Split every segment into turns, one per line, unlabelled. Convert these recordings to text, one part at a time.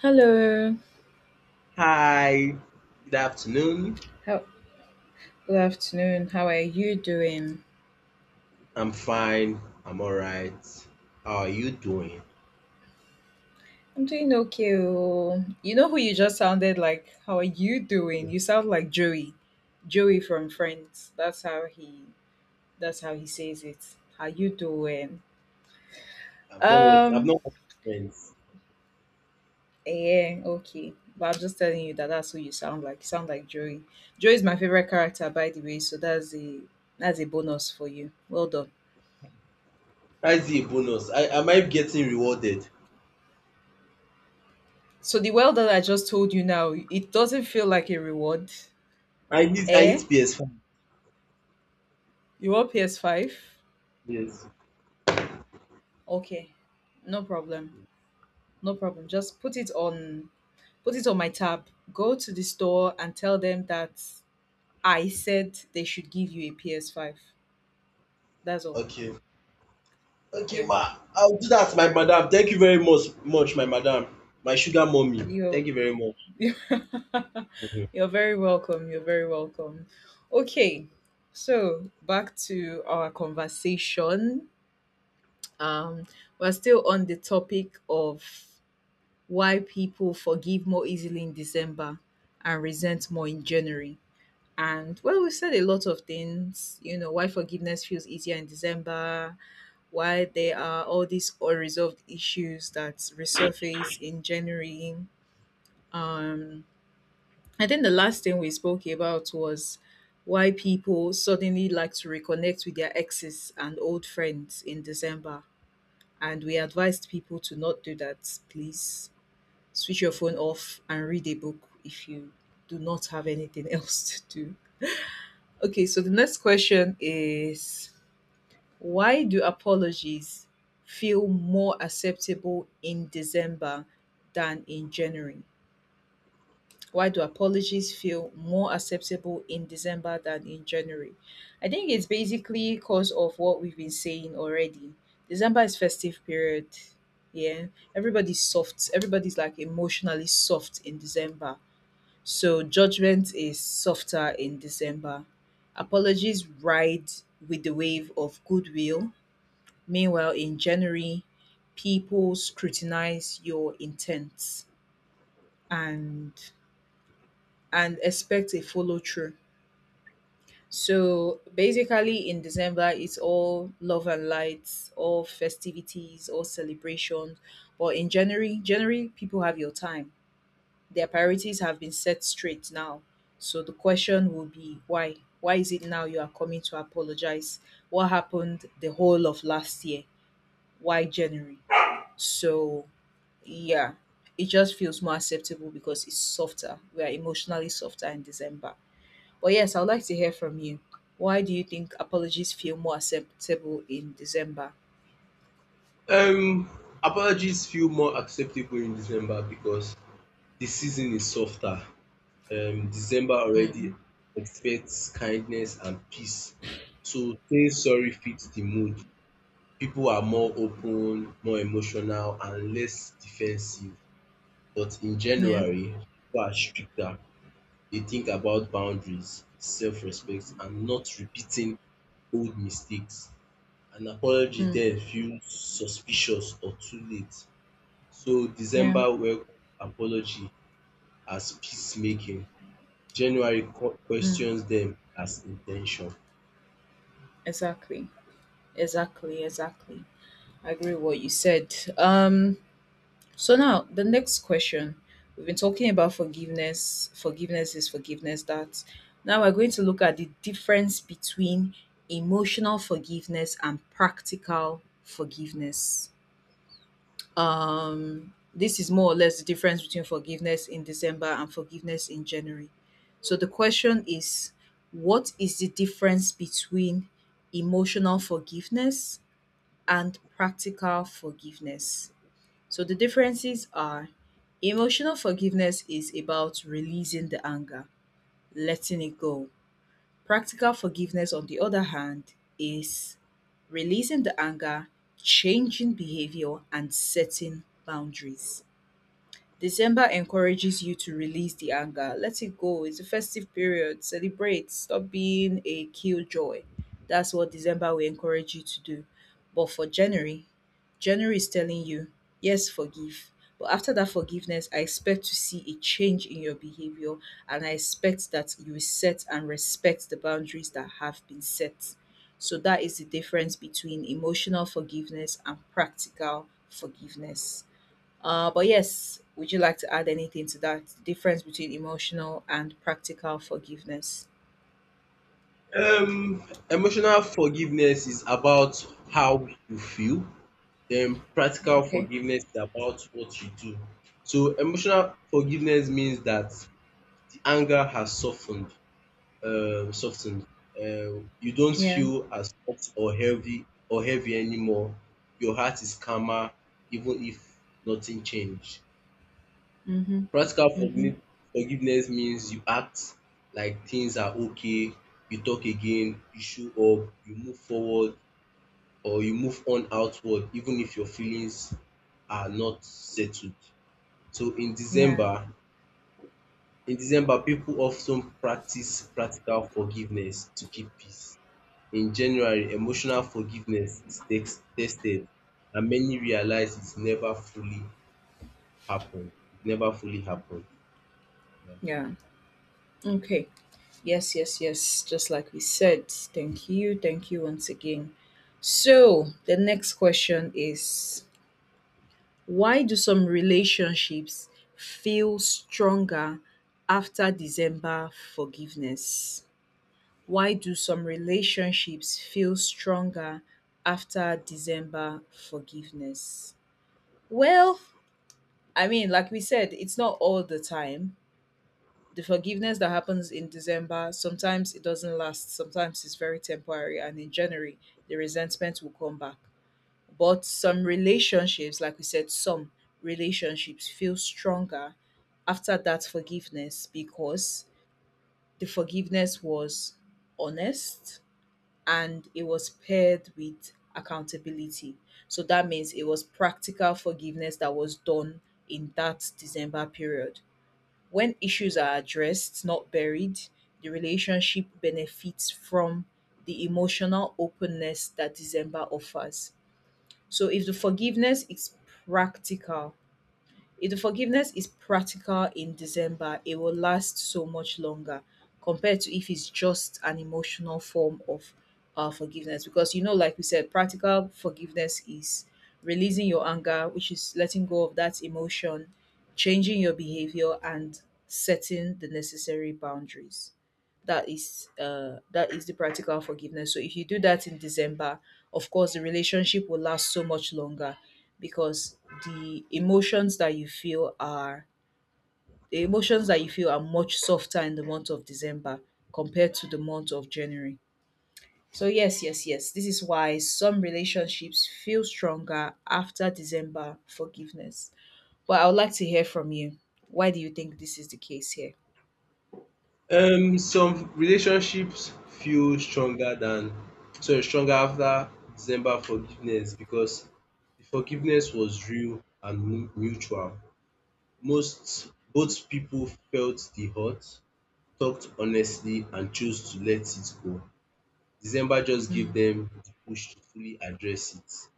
Hello.
Hi, good afternoon.
How, good afternoon. How are you doing?
I'm fine. I'm all right. How are you doing?
I'm doing okay. Oh. You know who you just sounded like? How are you doing?
I've
You sound like Joey. Joey from Friends. That's how he says it. How you doing?
I've
Um
not watched Friends.
yeah, okay. But I'm just telling you that that's who you sound like. You sound like Joey. Joey is my favorite character, by the way, so that's a bonus for you. Well done.
That's a bonus. I am I getting rewarded?
So the well done I just told you now, it doesn't feel like a reward.
I need
Eh?
PS5.
You want PS5?
Yes.
Okay. No problem. No problem. Just put it on my tab. Go to the store and tell them that I said they should give you a PS5. That's all.
Okay. Okay,
Yeah.
ma. I'll do that, my madam. Thank you very much, much, my madam, my sugar mommy.
You're
Thank you very much.
You're very welcome. You're very welcome. Okay. So, back to our conversation. Um we're still on the topic of why people forgive more easily in December and resent more in January. And well, we've said a lot of things, why forgiveness feels easier in December, why there are all these unresolved issues that resurface in January. Um, I think the last thing we spoke about was why people suddenly like to reconnect with their exes and old friends in December. And we advised people to not do that, please switch your phone off and read a book if you do not have anything else to do. Okay, so the next question is, why do apologies feel more acceptable in December than in January? Why do apologies feel more acceptable in December than in January? I think it's basically because of what we've been saying already. December is festive period. Yeah. Everybody's soft. Everybody's like emotionally soft in December. So judgment is softer in December. Apologies ride with the wave of goodwill. Meanwhile, in January, people scrutinize your intents and and expect a follow through. So basically, in December, it's all love and lights, all festivities, all celebrations. But in January, January people have your time. Their priorities have been set straight now. So the question will be why? Why is it now you are coming to apologize? What happened the whole of last year? Why January? So yeah, it just feels more acceptable because it's softer. We are emotionally softer in December. But yes, I'd like to hear from you. Why do you think apologies feel more acceptable in December?
Um, Apologies feel more acceptable in December because the season is softer. December already
Mm,
expects kindness and peace. So saying sorry fits the mood. People are more open, more emotional, and less defensive. But in
yeah,
January, people are stricter. They think about boundaries, self respect, and not repeating old mistakes. An apology
mm,
then feels suspicious or too late. So
yeah,
December welcomes apology as peacemaking, January
mm,
questions them as intention.
exactly, exactly, exactly. I agree with what you said. So now the next question. We've been talking about forgiveness. Forgiveness is forgiveness that. Now we're going to look at the difference between emotional forgiveness and practical forgiveness. This is more or less the difference between forgiveness in December and forgiveness in January. So the question is, what is the difference between emotional forgiveness and practical forgiveness? So the differences are, emotional forgiveness is about releasing the anger, letting it go. Practical forgiveness, on the other hand, is releasing the anger, changing behavior, and setting boundaries. December encourages you to release the anger. Let it go. It's a festive period. Celebrate. Stop being a killjoy. That's what December will encourage you to do. But for January, January is telling you, yes, forgive. But after that forgiveness, I expect to see a change in your behavior and I expect that you set and respect the boundaries that have been set. So that is the difference between emotional forgiveness and practical forgiveness. But yes, would you like to add anything to that? Difference between emotional and practical forgiveness.
Um, Emotional forgiveness is about how you feel, then practical
Okay.
forgiveness is about what you do. So emotional forgiveness means that the anger has softened, um, softened. You don't
Yeah.
feel as hot or heavy anymore. Your heart is calmer, even if nothing changed.
Mm-hmm.
Practical
Mm-hmm.
forgive forgiveness means you act like things are okay, you talk again, you show up, you move forward or you move on outward even if your feelings are not settled. So in
Yeah.
December, in December people often practice practical forgiveness to keep peace. In January, emotional forgiveness is tex tested and many realize it never fully happened. Yeah.
Yeah. Okay. Yes, yes, yes. Just like we said. Thank you. Thank you once again. So the next question is, why do some relationships feel stronger after December forgiveness? Why do some relationships feel stronger after December forgiveness? Well, I mean, like we said, it's not all the time. The forgiveness that happens in December, sometimes it doesn't last, sometimes it's very temporary, and in January, the resentment will come back. But some relationships, like we said, some relationships feel stronger after that forgiveness because the forgiveness was honest, and it was paired with accountability. So that means it was practical forgiveness that was done in that December period. When issues are addressed, not buried, the relationship benefits from the emotional openness that December offers. So if the forgiveness is practical, if the forgiveness is practical in December, it will last so much longer compared to if it's just an emotional form of forgiveness. Because, you know, like we said, practical forgiveness is releasing your anger, which is letting go of that emotion, changing your behavior, and setting the necessary boundaries that is that is the practical forgiveness. So if you do that in December, of course the relationship will last so much longer because the emotions that you feel are the emotions that you feel are much softer in the month of December compared to the month of January. So yes, yes, yes, this is why some relationships feel stronger after December forgiveness. But I would like to hear from you, why do you think this is the case here?
Some relationships feel stronger than sorry stronger after December forgiveness because the forgiveness was real and mutual. Most Both people felt the hurt, talked honestly, and chose to let it go. December just gave
Mm,
them the push to fully address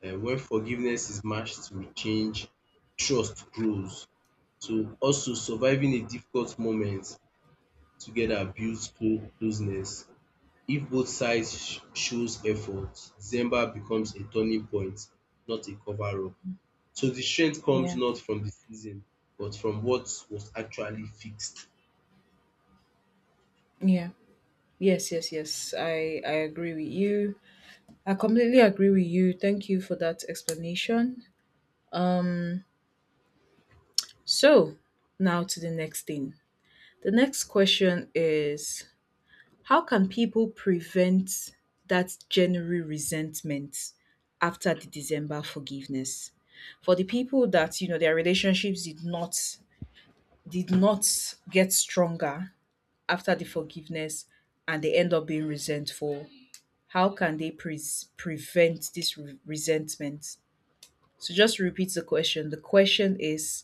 it. When forgiveness is matched with change, trust grows. So also surviving a difficult moment together builds closeness. If both sides shows effort, December becomes a turning point, not a cover up. So the strength comes
yeah,
not from the season, but from what was actually fixed.
yeah. Yes, yes, yes. I agree with you. I completely agree with you. Thank you for that explanation. So, now to the next thing. The next question is, how can people prevent that January resentment after the December forgiveness? For the people that, you know, their relationships did not get stronger after the forgiveness and they end up being resentful. How can they pre prevent this resentment? So just repeat the question. The question is,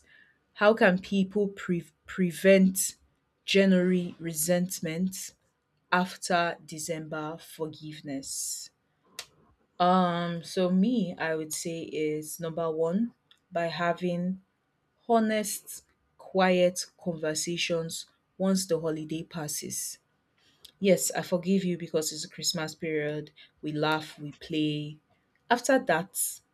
how can people prevent January resentment after December forgiveness? So me, I would say is number one, by having honest, quiet conversations once the holiday passes. Yes, I forgive you because it's a Christmas period. We laugh, we play. After that,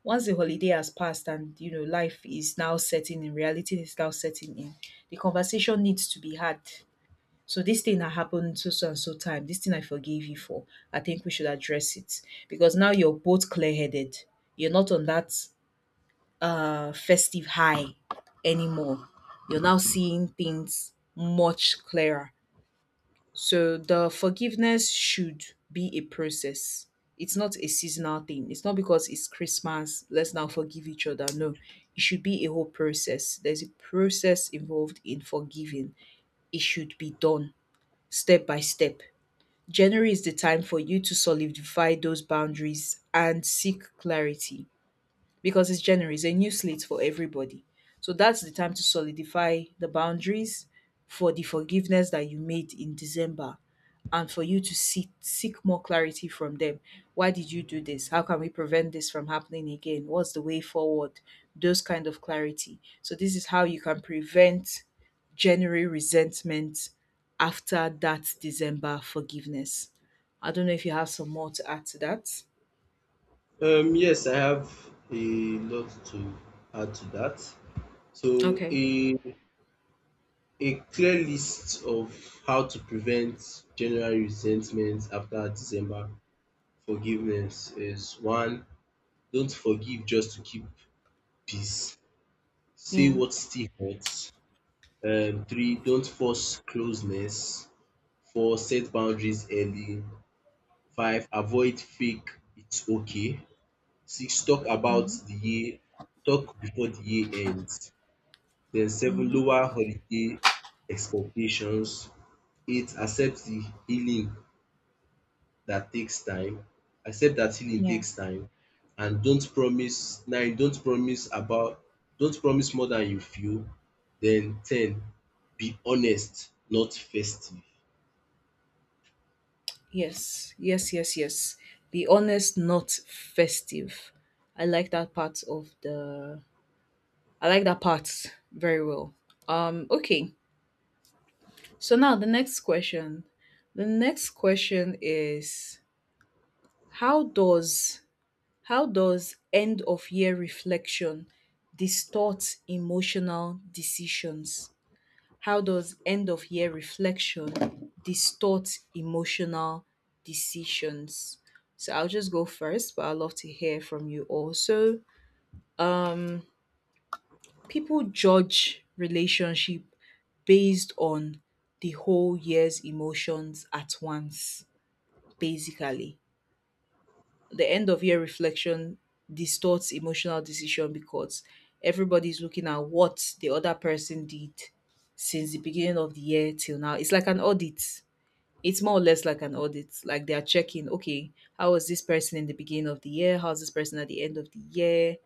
once the holiday has passed and you know life is now setting in, reality is now setting in, the conversation needs to be had. So this thing that happened so so and so time, this thing I forgive you for. I think we should address it. Because now you're both clear headed. You're not on that festive high anymore. You're now seeing things much clearer, so the forgiveness should be a process. It's not a seasonal thing. It's not because it's Christmas, let's now forgive each other. No, it should be a whole process. There's a process involved in forgiving. It should be done step by step. January is the time for you to solidify those boundaries and seek clarity because it's January, it's a new slate for everybody. So that's the time to solidify the boundaries for the forgiveness that you made in December, and for you to seek more clarity from them. Why did you do this? How can we prevent this from happening again? What's the way forward? Those kind of clarity. So, this is how you can prevent January resentment after that December forgiveness. I don't know if you have some more to add to that.
Yes, I have a lot to add to that. So
Okay.
a clear list of how to prevent January resentment after December forgiveness is one, don't forgive just to keep peace. Say
Yeah.
what still hurts. Three, don't force closeness. Four, set boundaries early. Five, avoid fake it's okay. Six,
Hmm.
talk before the year ends. Then seven, lower holiday expectations. Eight, accept the healing that takes time. Accept that healing
Yeah.
takes time and don't promise more than you feel. Then ten, be honest, not festive.
Yes, yes, yes, yes. Be honest, not festive. I like that part of the. I like that part very well. Okay. So now the next question. The next question is, how does how does end of year reflection distort emotional decisions? How does end of year reflection distort emotional decisions? So I'll just go first, but I'd love to hear from you also. Um, People judge relationship based on the whole year's emotions at once, basically. The end of year reflection distorts emotional decision because everybody's looking at what the other person did since the beginning of the year till now. It's like an audit, it's more or less like an audit. Like they are checking, okay, how was this person in the beginning of the year? How's this person at the end of the year?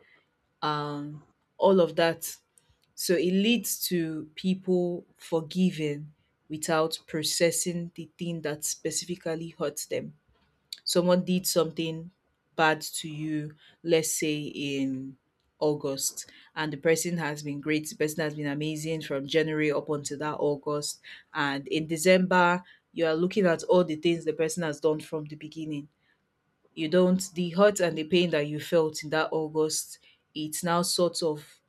Um, all of that. So it leads to people forgiving without processing the thing that specifically hurts them. Someone did something bad to you, let's say in August, and the person has been great, the person has been amazing from January up until that August. And in December, you are looking at all the things the person has done from the beginning. You don't, the hurt and the pain that you felt in that August, it's now sort of,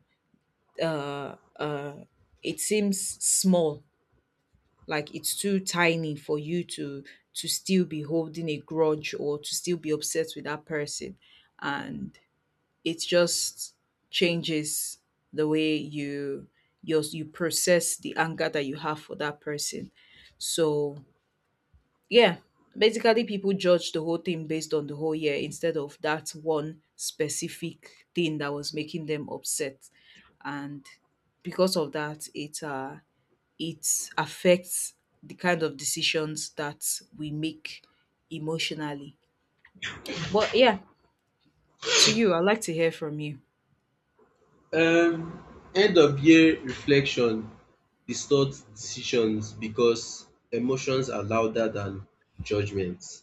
uh, uh, it seems small, like it's too tiny for you to still be holding a grudge or to still be upset with that person, and it just changes the way you process the anger that you have for that person. So yeah, basically people judge the whole thing based on the whole year instead of that one specific thing that was making them upset. And because of that, it it affects the kind of decisions that we make emotionally. But yeah, to you, I'd like to hear from you.
Um End of year reflection distorts decisions because emotions are louder than judgments.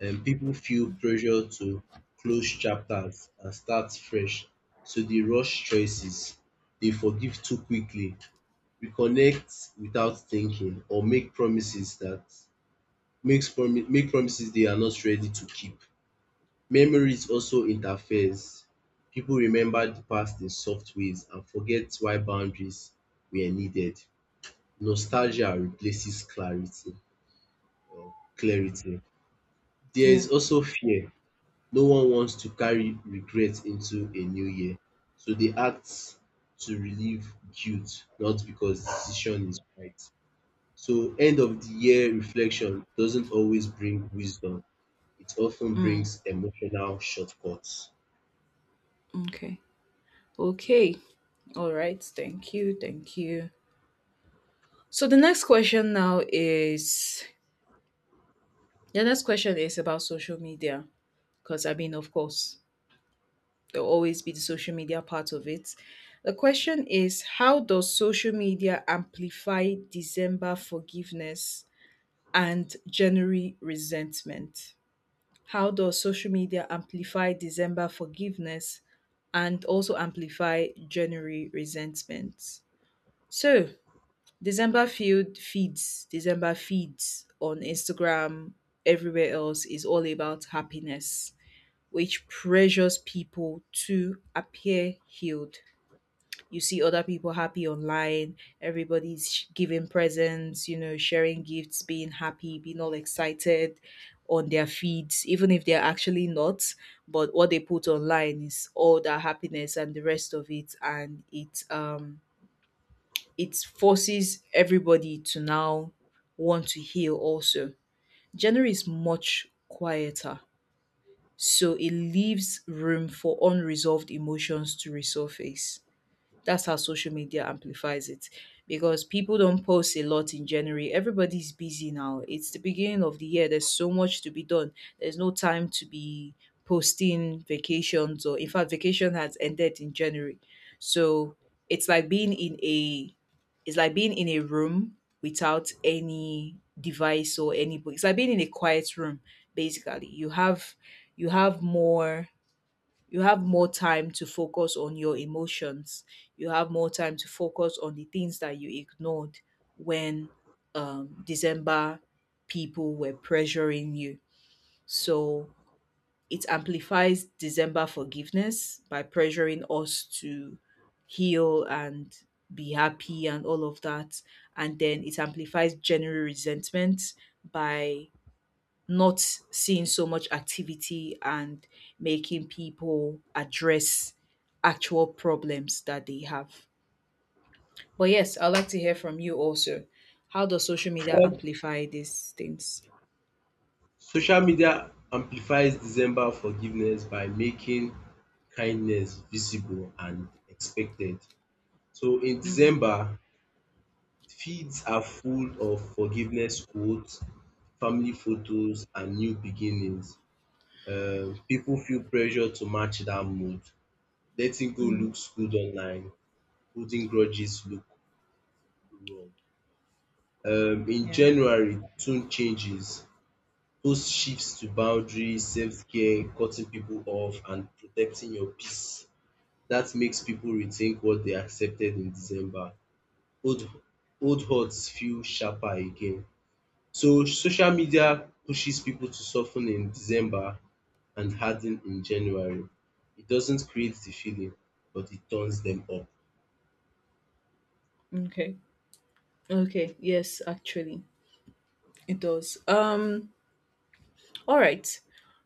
And people feel pressure to close chapters and start fresh. So they rush choices. They forgive too quickly, we connect without thinking or make promises that makes promi make promises they are not ready to keep. Memories also interferes. People remember the past in soft ways and forget why boundaries were needed.
Mm.
Nostalgia replaces clarity. There
Yeah.
is also fear. No one wants to carry regret into a new year. So they act to relieve guilt, not because decision is right. So end of the year reflection doesn't always bring wisdom. It often brings emotional shortcuts.
Okay. Okay. All right. Thank you. Thank you. So the next question is about social media. Because I mean, of course, there'll always be the social media part of it. The question is, how does social media amplify December forgiveness and January resentment. How does social media amplify December forgiveness and also amplify January resentment? So, December feeds on Instagram, everywhere else is all about happiness, which pressures people to appear healed. You see other people happy online, everybody's giving presents, sharing gifts, being happy, being all excited on their feeds, even if they're actually not. But what they put online is all that happiness and the rest of it, and it forces everybody to now want to heal also. January is much quieter, so it leaves room for unresolved emotions to resurface. That's how social media amplifies it, because people don't post a lot in January. Everybody's busy now. It's the beginning of the year. There's so much to be done. There's no time to be posting vacations, or in fact vacation has ended in January. So it's like being in a it's like being in a room without any device or any book. It's like being in a quiet room basically. You have more you have more time to focus on your emotions. You have more time to focus on the things that you ignored when December people were pressuring you. So it amplifies December forgiveness by pressuring us to heal and be happy and all of that. And then it amplifies January resentment by not seeing so much activity and making people address actual problems that they have. But yes, I'd like to hear from you also. How does social media
Um,
amplify these things?
Social media amplifies December forgiveness by making kindness visible and expected. So in
Mm.
December, feeds are full of forgiveness quotes, family photos, and new beginnings. People feel pressure to match that mood. Letting go
Mm.
looks good online, holding grudges look. In
Yeah.
January, tone changes. Host shifts to boundaries, self-care, cutting people off, and protecting your peace. That makes people rethink what they accepted in December. Old Old hurts feel sharper again. So social media pushes people to soften in December and harden in January. It doesn't create the feeling, but it turns them up.
Okay. Okay. Yes, actually, it does. All right.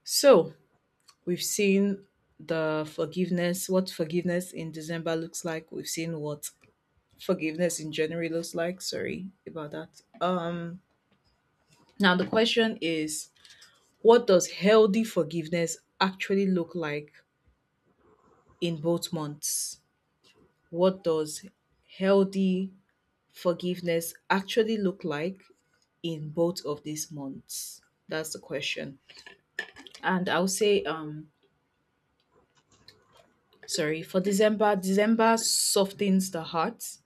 So we've seen what forgiveness in December looks like. We've seen what forgiveness in January looks like. Sorry about that. Now, the question is, what does healthy forgiveness actually look like in both months? What does healthy forgiveness actually look like in both of these months? That's the question. And I'll say, sorry, for December, December softens the heart,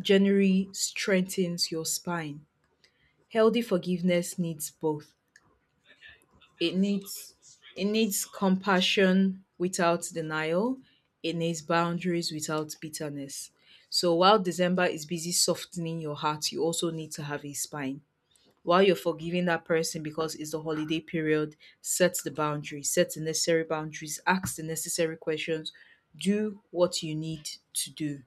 January strengthens your spine. Healthy forgiveness needs both. It needs it needs compassion without denial. It needs boundaries without bitterness. So while December is busy softening your heart, you also need to have a spine. While you're forgiving that person because it's the holiday period, set the boundaries, set the necessary boundaries, ask the necessary questions, do what you need to do.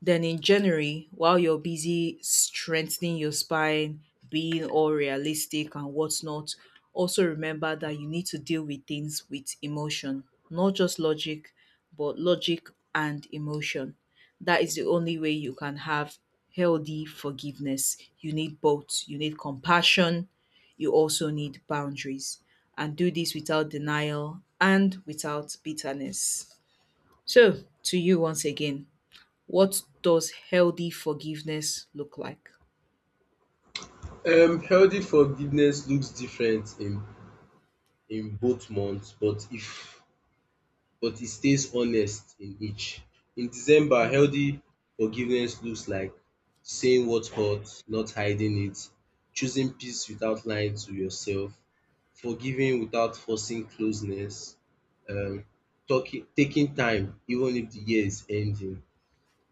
Then in January, while you're busy strengthening your spine, being all realistic and whatnot, also remember that you need to deal with things with emotion, not just logic, but logic and emotion. That is the only way you can have healthy forgiveness. You need both. You need compassion. You also need boundaries. And do this without denial and without bitterness. So, to you once again. What does healthy forgiveness look like?
Healthy forgiveness looks different in both months, but if but it stays honest in each. In December,
Mm.
healthy forgiveness looks like saying what hurt, not hiding it, choosing peace without lying to yourself, forgiving without forcing closeness, um, talking, taking time even if the year is ending,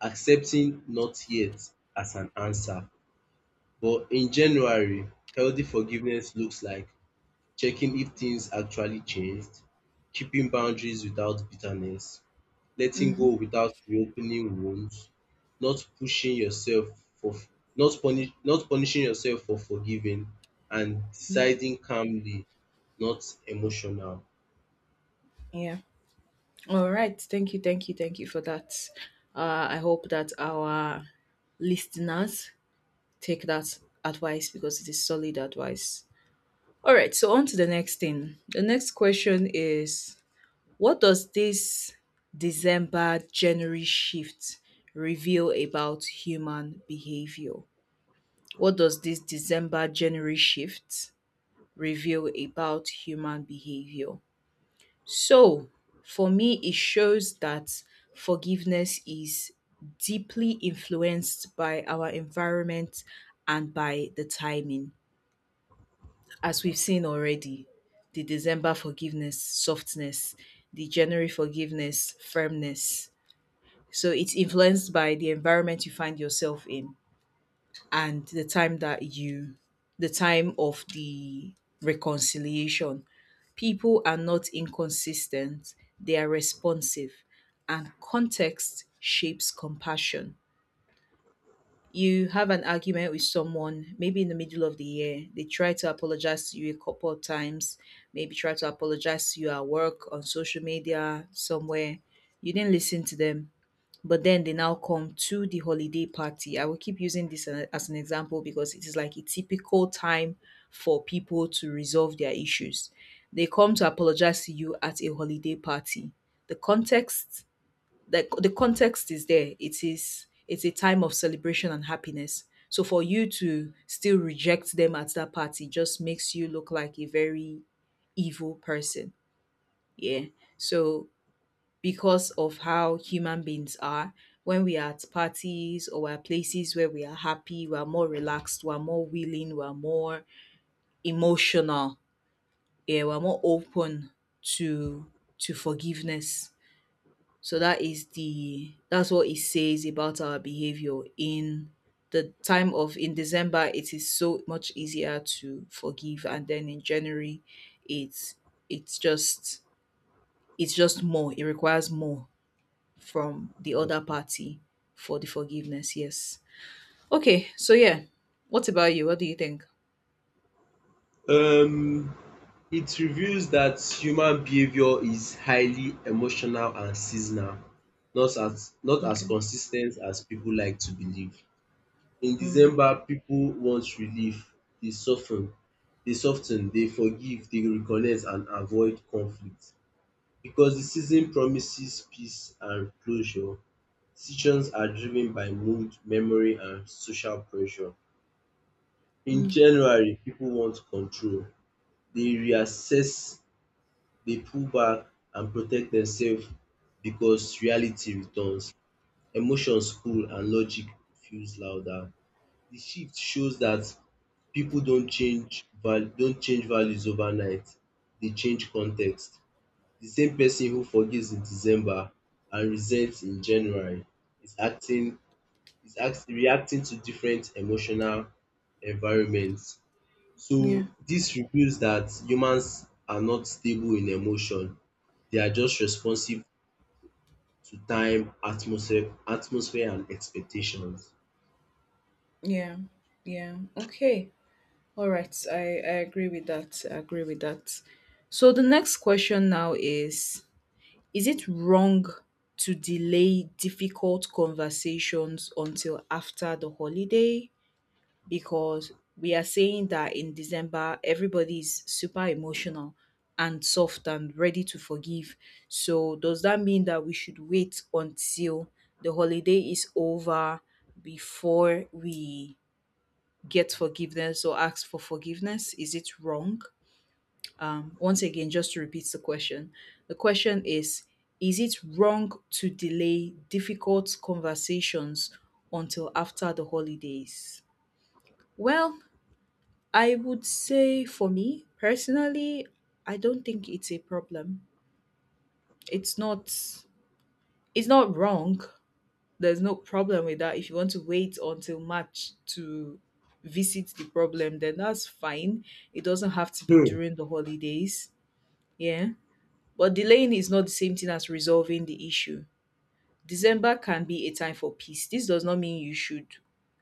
accepting not yet as an answer. But in January, healthy forgiveness looks like checking if things actually changed, keeping boundaries without bitterness, letting go
Mm-hmm.
without reopening wounds, not pushing yourself for not punishing yourself for forgiving and deciding calmly, not emotional.
Yeah. All right. Thank you. Thank you. Thank you for that. I hope that our listeners take that advice because it is solid advice. All right. So, on to the next thing. The next question is, what does this December January shift reveal about human behavior? What does this December January shift reveal about human behavior. So, for me, it shows that forgiveness is deeply influenced by our environment and by the timing. As we've seen already, the December forgiveness, softness, the January forgiveness, firmness. So, it's influenced by the environment you find yourself in, and the time of the reconciliation. People are not inconsistent, they are responsive, and context shapes compassion. You have an argument with someone, maybe in the middle of the year. They try to apologize to you a couple of times, maybe try to apologize to you at work, on social media, somewhere. You didn't listen to them, but then they now come to the holiday party. I will keep using this as an example because it is like a typical time for people to resolve their issues. They come to apologize to you at a holiday party. The context, the context is there. It's a time of celebration and happiness. So for you to still reject them at that party just makes you look like a very evil person. Yeah. So because of how human beings are. When we are at parties or at places where we are happy, we're more relaxed, we're more willing, we're more emotional, yeah, we're more open to to forgiveness. So that is the that's what it says about our behavior in the time of in December. It is so much easier to forgive, and then in January it's it's just it's just more. It requires more from the other party for the forgiveness. Yes. Okay. So yeah. What about you? What do you think?
Um, it reveals that human behavior is highly emotional and seasonal, not as
Okay.
consistent as people like to believe. In
Mm.
December people want relief. They soften. They dey sof ten, dey forgive, They reconnect and avoid conflict because the season promises peace and closure. Decisions are driven by mood, memory and social pressure. In
Mm.
January people want control. They reassess, they pull back and protect themselves because reality returns. Emotions cool and logic feels louder. The shift shows that. People don't change values overnight, they change context. The same person who forgives in December and resents in January is acting is act reacting to different emotional environments.
Yeah.
So this reveals that humans are not stable in emotion, they are just responsive to time, atmosphere and expectations.
Yeah. Yeah. Okay. All right. I agree with that. I agree with that. So the next question now is it wrong to delay difficult conversations until after the holiday? Because we are saying that in December everybody's super emotional and soft and ready to forgive. So does that mean that we should wait until the holiday is over before we get forgiveness or ask for forgiveness? Is it wrong? Once again, just to repeat the question is it wrong to delay difficult conversations until after the holidays? Well, I would say for me personally, I don't think it's a problem. It's not it's not wrong. There's no problem with that. If you want to wait until March to visit the problem, then that's fine. It doesn't have to be
Hmm.
during the holidays. Yeah. But delaying is not the same thing as resolving the issue. December can be a time for peace. This does not mean you should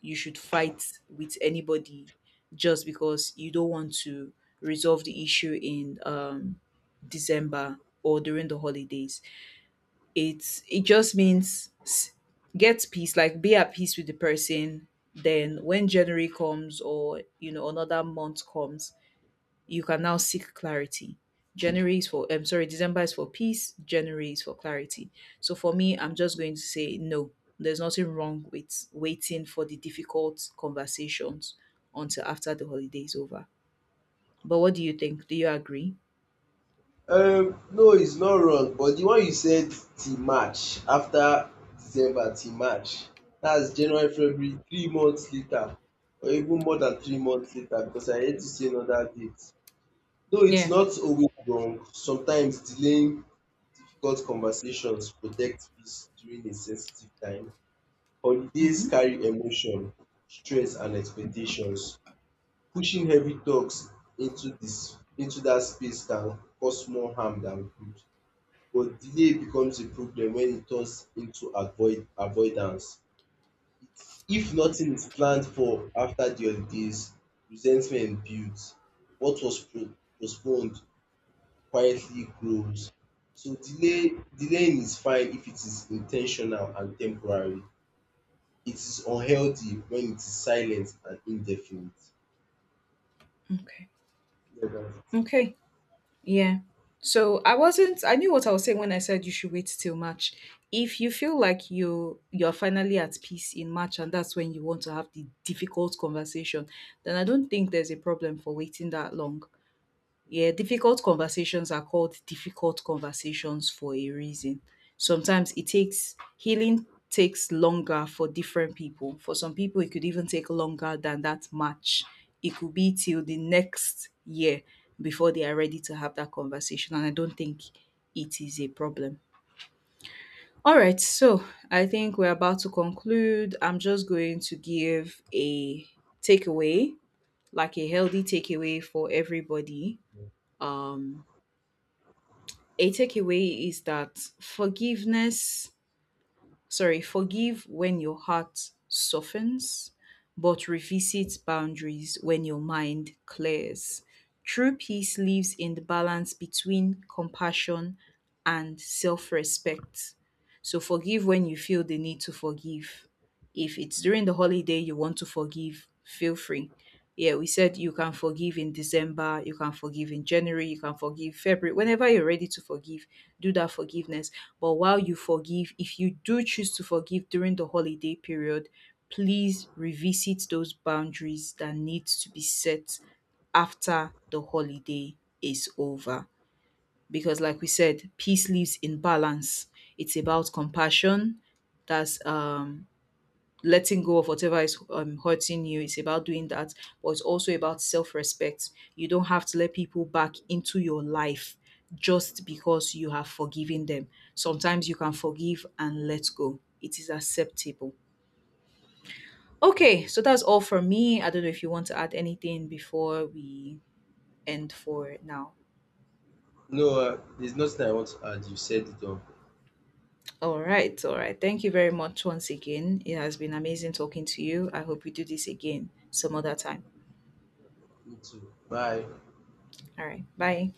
fight with anybody just because you don't want to resolve the issue in December or during the holidays. It just means get peace, like be at peace with the person. Then when January comes, or another month comes, you can now seek clarity. January is for, I'm sorry, December is for peace, January is for clarity. So for me, I'm just going to say no, there's nothing wrong with waiting for the difficult conversations until after the holiday is over. But what do you think? Do you agree?
No, it's not wrong, but the one you said till March, after December till March, that's January, February, 3 months later, or even more than 3 months later, because I hate to see another date. Though it's
Yeah.
not always wrong, sometimes delaying difficult conversations protect peace during a sensitive time. Holidays
Hmm.
carry emotion, stress and expectations. Pushing heavy talks into that space can cause more harm than good. But delay becomes a problem when it turns into avoidance. It's, if nothing is planned for after the holidays, resentment builds. What was postponed quietly grows. So delaying is fine if it is intentional and temporary. It is unhealthy when it is silent and indefinite.
Okay.
Yeah, that's it.
Okay. Yeah. So I wasn't I knew what I was saying when I said you should wait till March. If you feel like you're finally at peace in March and that's when you want to have the difficult conversation, then I don't think there's a problem for waiting that long. Yeah, difficult conversations are called difficult conversations for a reason. Sometimes it takes healing takes longer for different people. For some people it could even take longer than that match. It could be till the next year before they are ready to have that conversation, and I don't think it is a problem. All right, so I think we're about to conclude. I'm just going to give a takeaway, like a healthy takeaway for everybody. Um a takeaway is that forgiveness, sorry, forgive when your heart softens, but revisit boundaries when your mind clears. True peace lives in the balance between compassion and self respect. So forgive when you feel the need to forgive. If it's during the holiday you want to forgive, feel free. Yeah, we said you can forgive in December, you can forgive in January, you can forgive February. Whenever you're ready to forgive, do that forgiveness. But while you forgive, if you do choose to forgive during the holiday period, please revisit those boundaries that need to be set after the holiday is over. Because, like we said, peace lives in balance. It's about compassion. That's letting go of whatever is hurting you. It's about doing that, but it's also about self respect. You don't have to let people back into your life just because you have forgiven them. Sometimes you can forgive and let go, it is acceptable. Okay, so that's all for me. I don't know if you want to add anything before we end for now.
No, there's nothing I want to add. You said it all.
All right, all right. Thank you very much once again. It has been amazing talking to you. I hope we do this again some other time.
Me too. Bye.
All right, bye.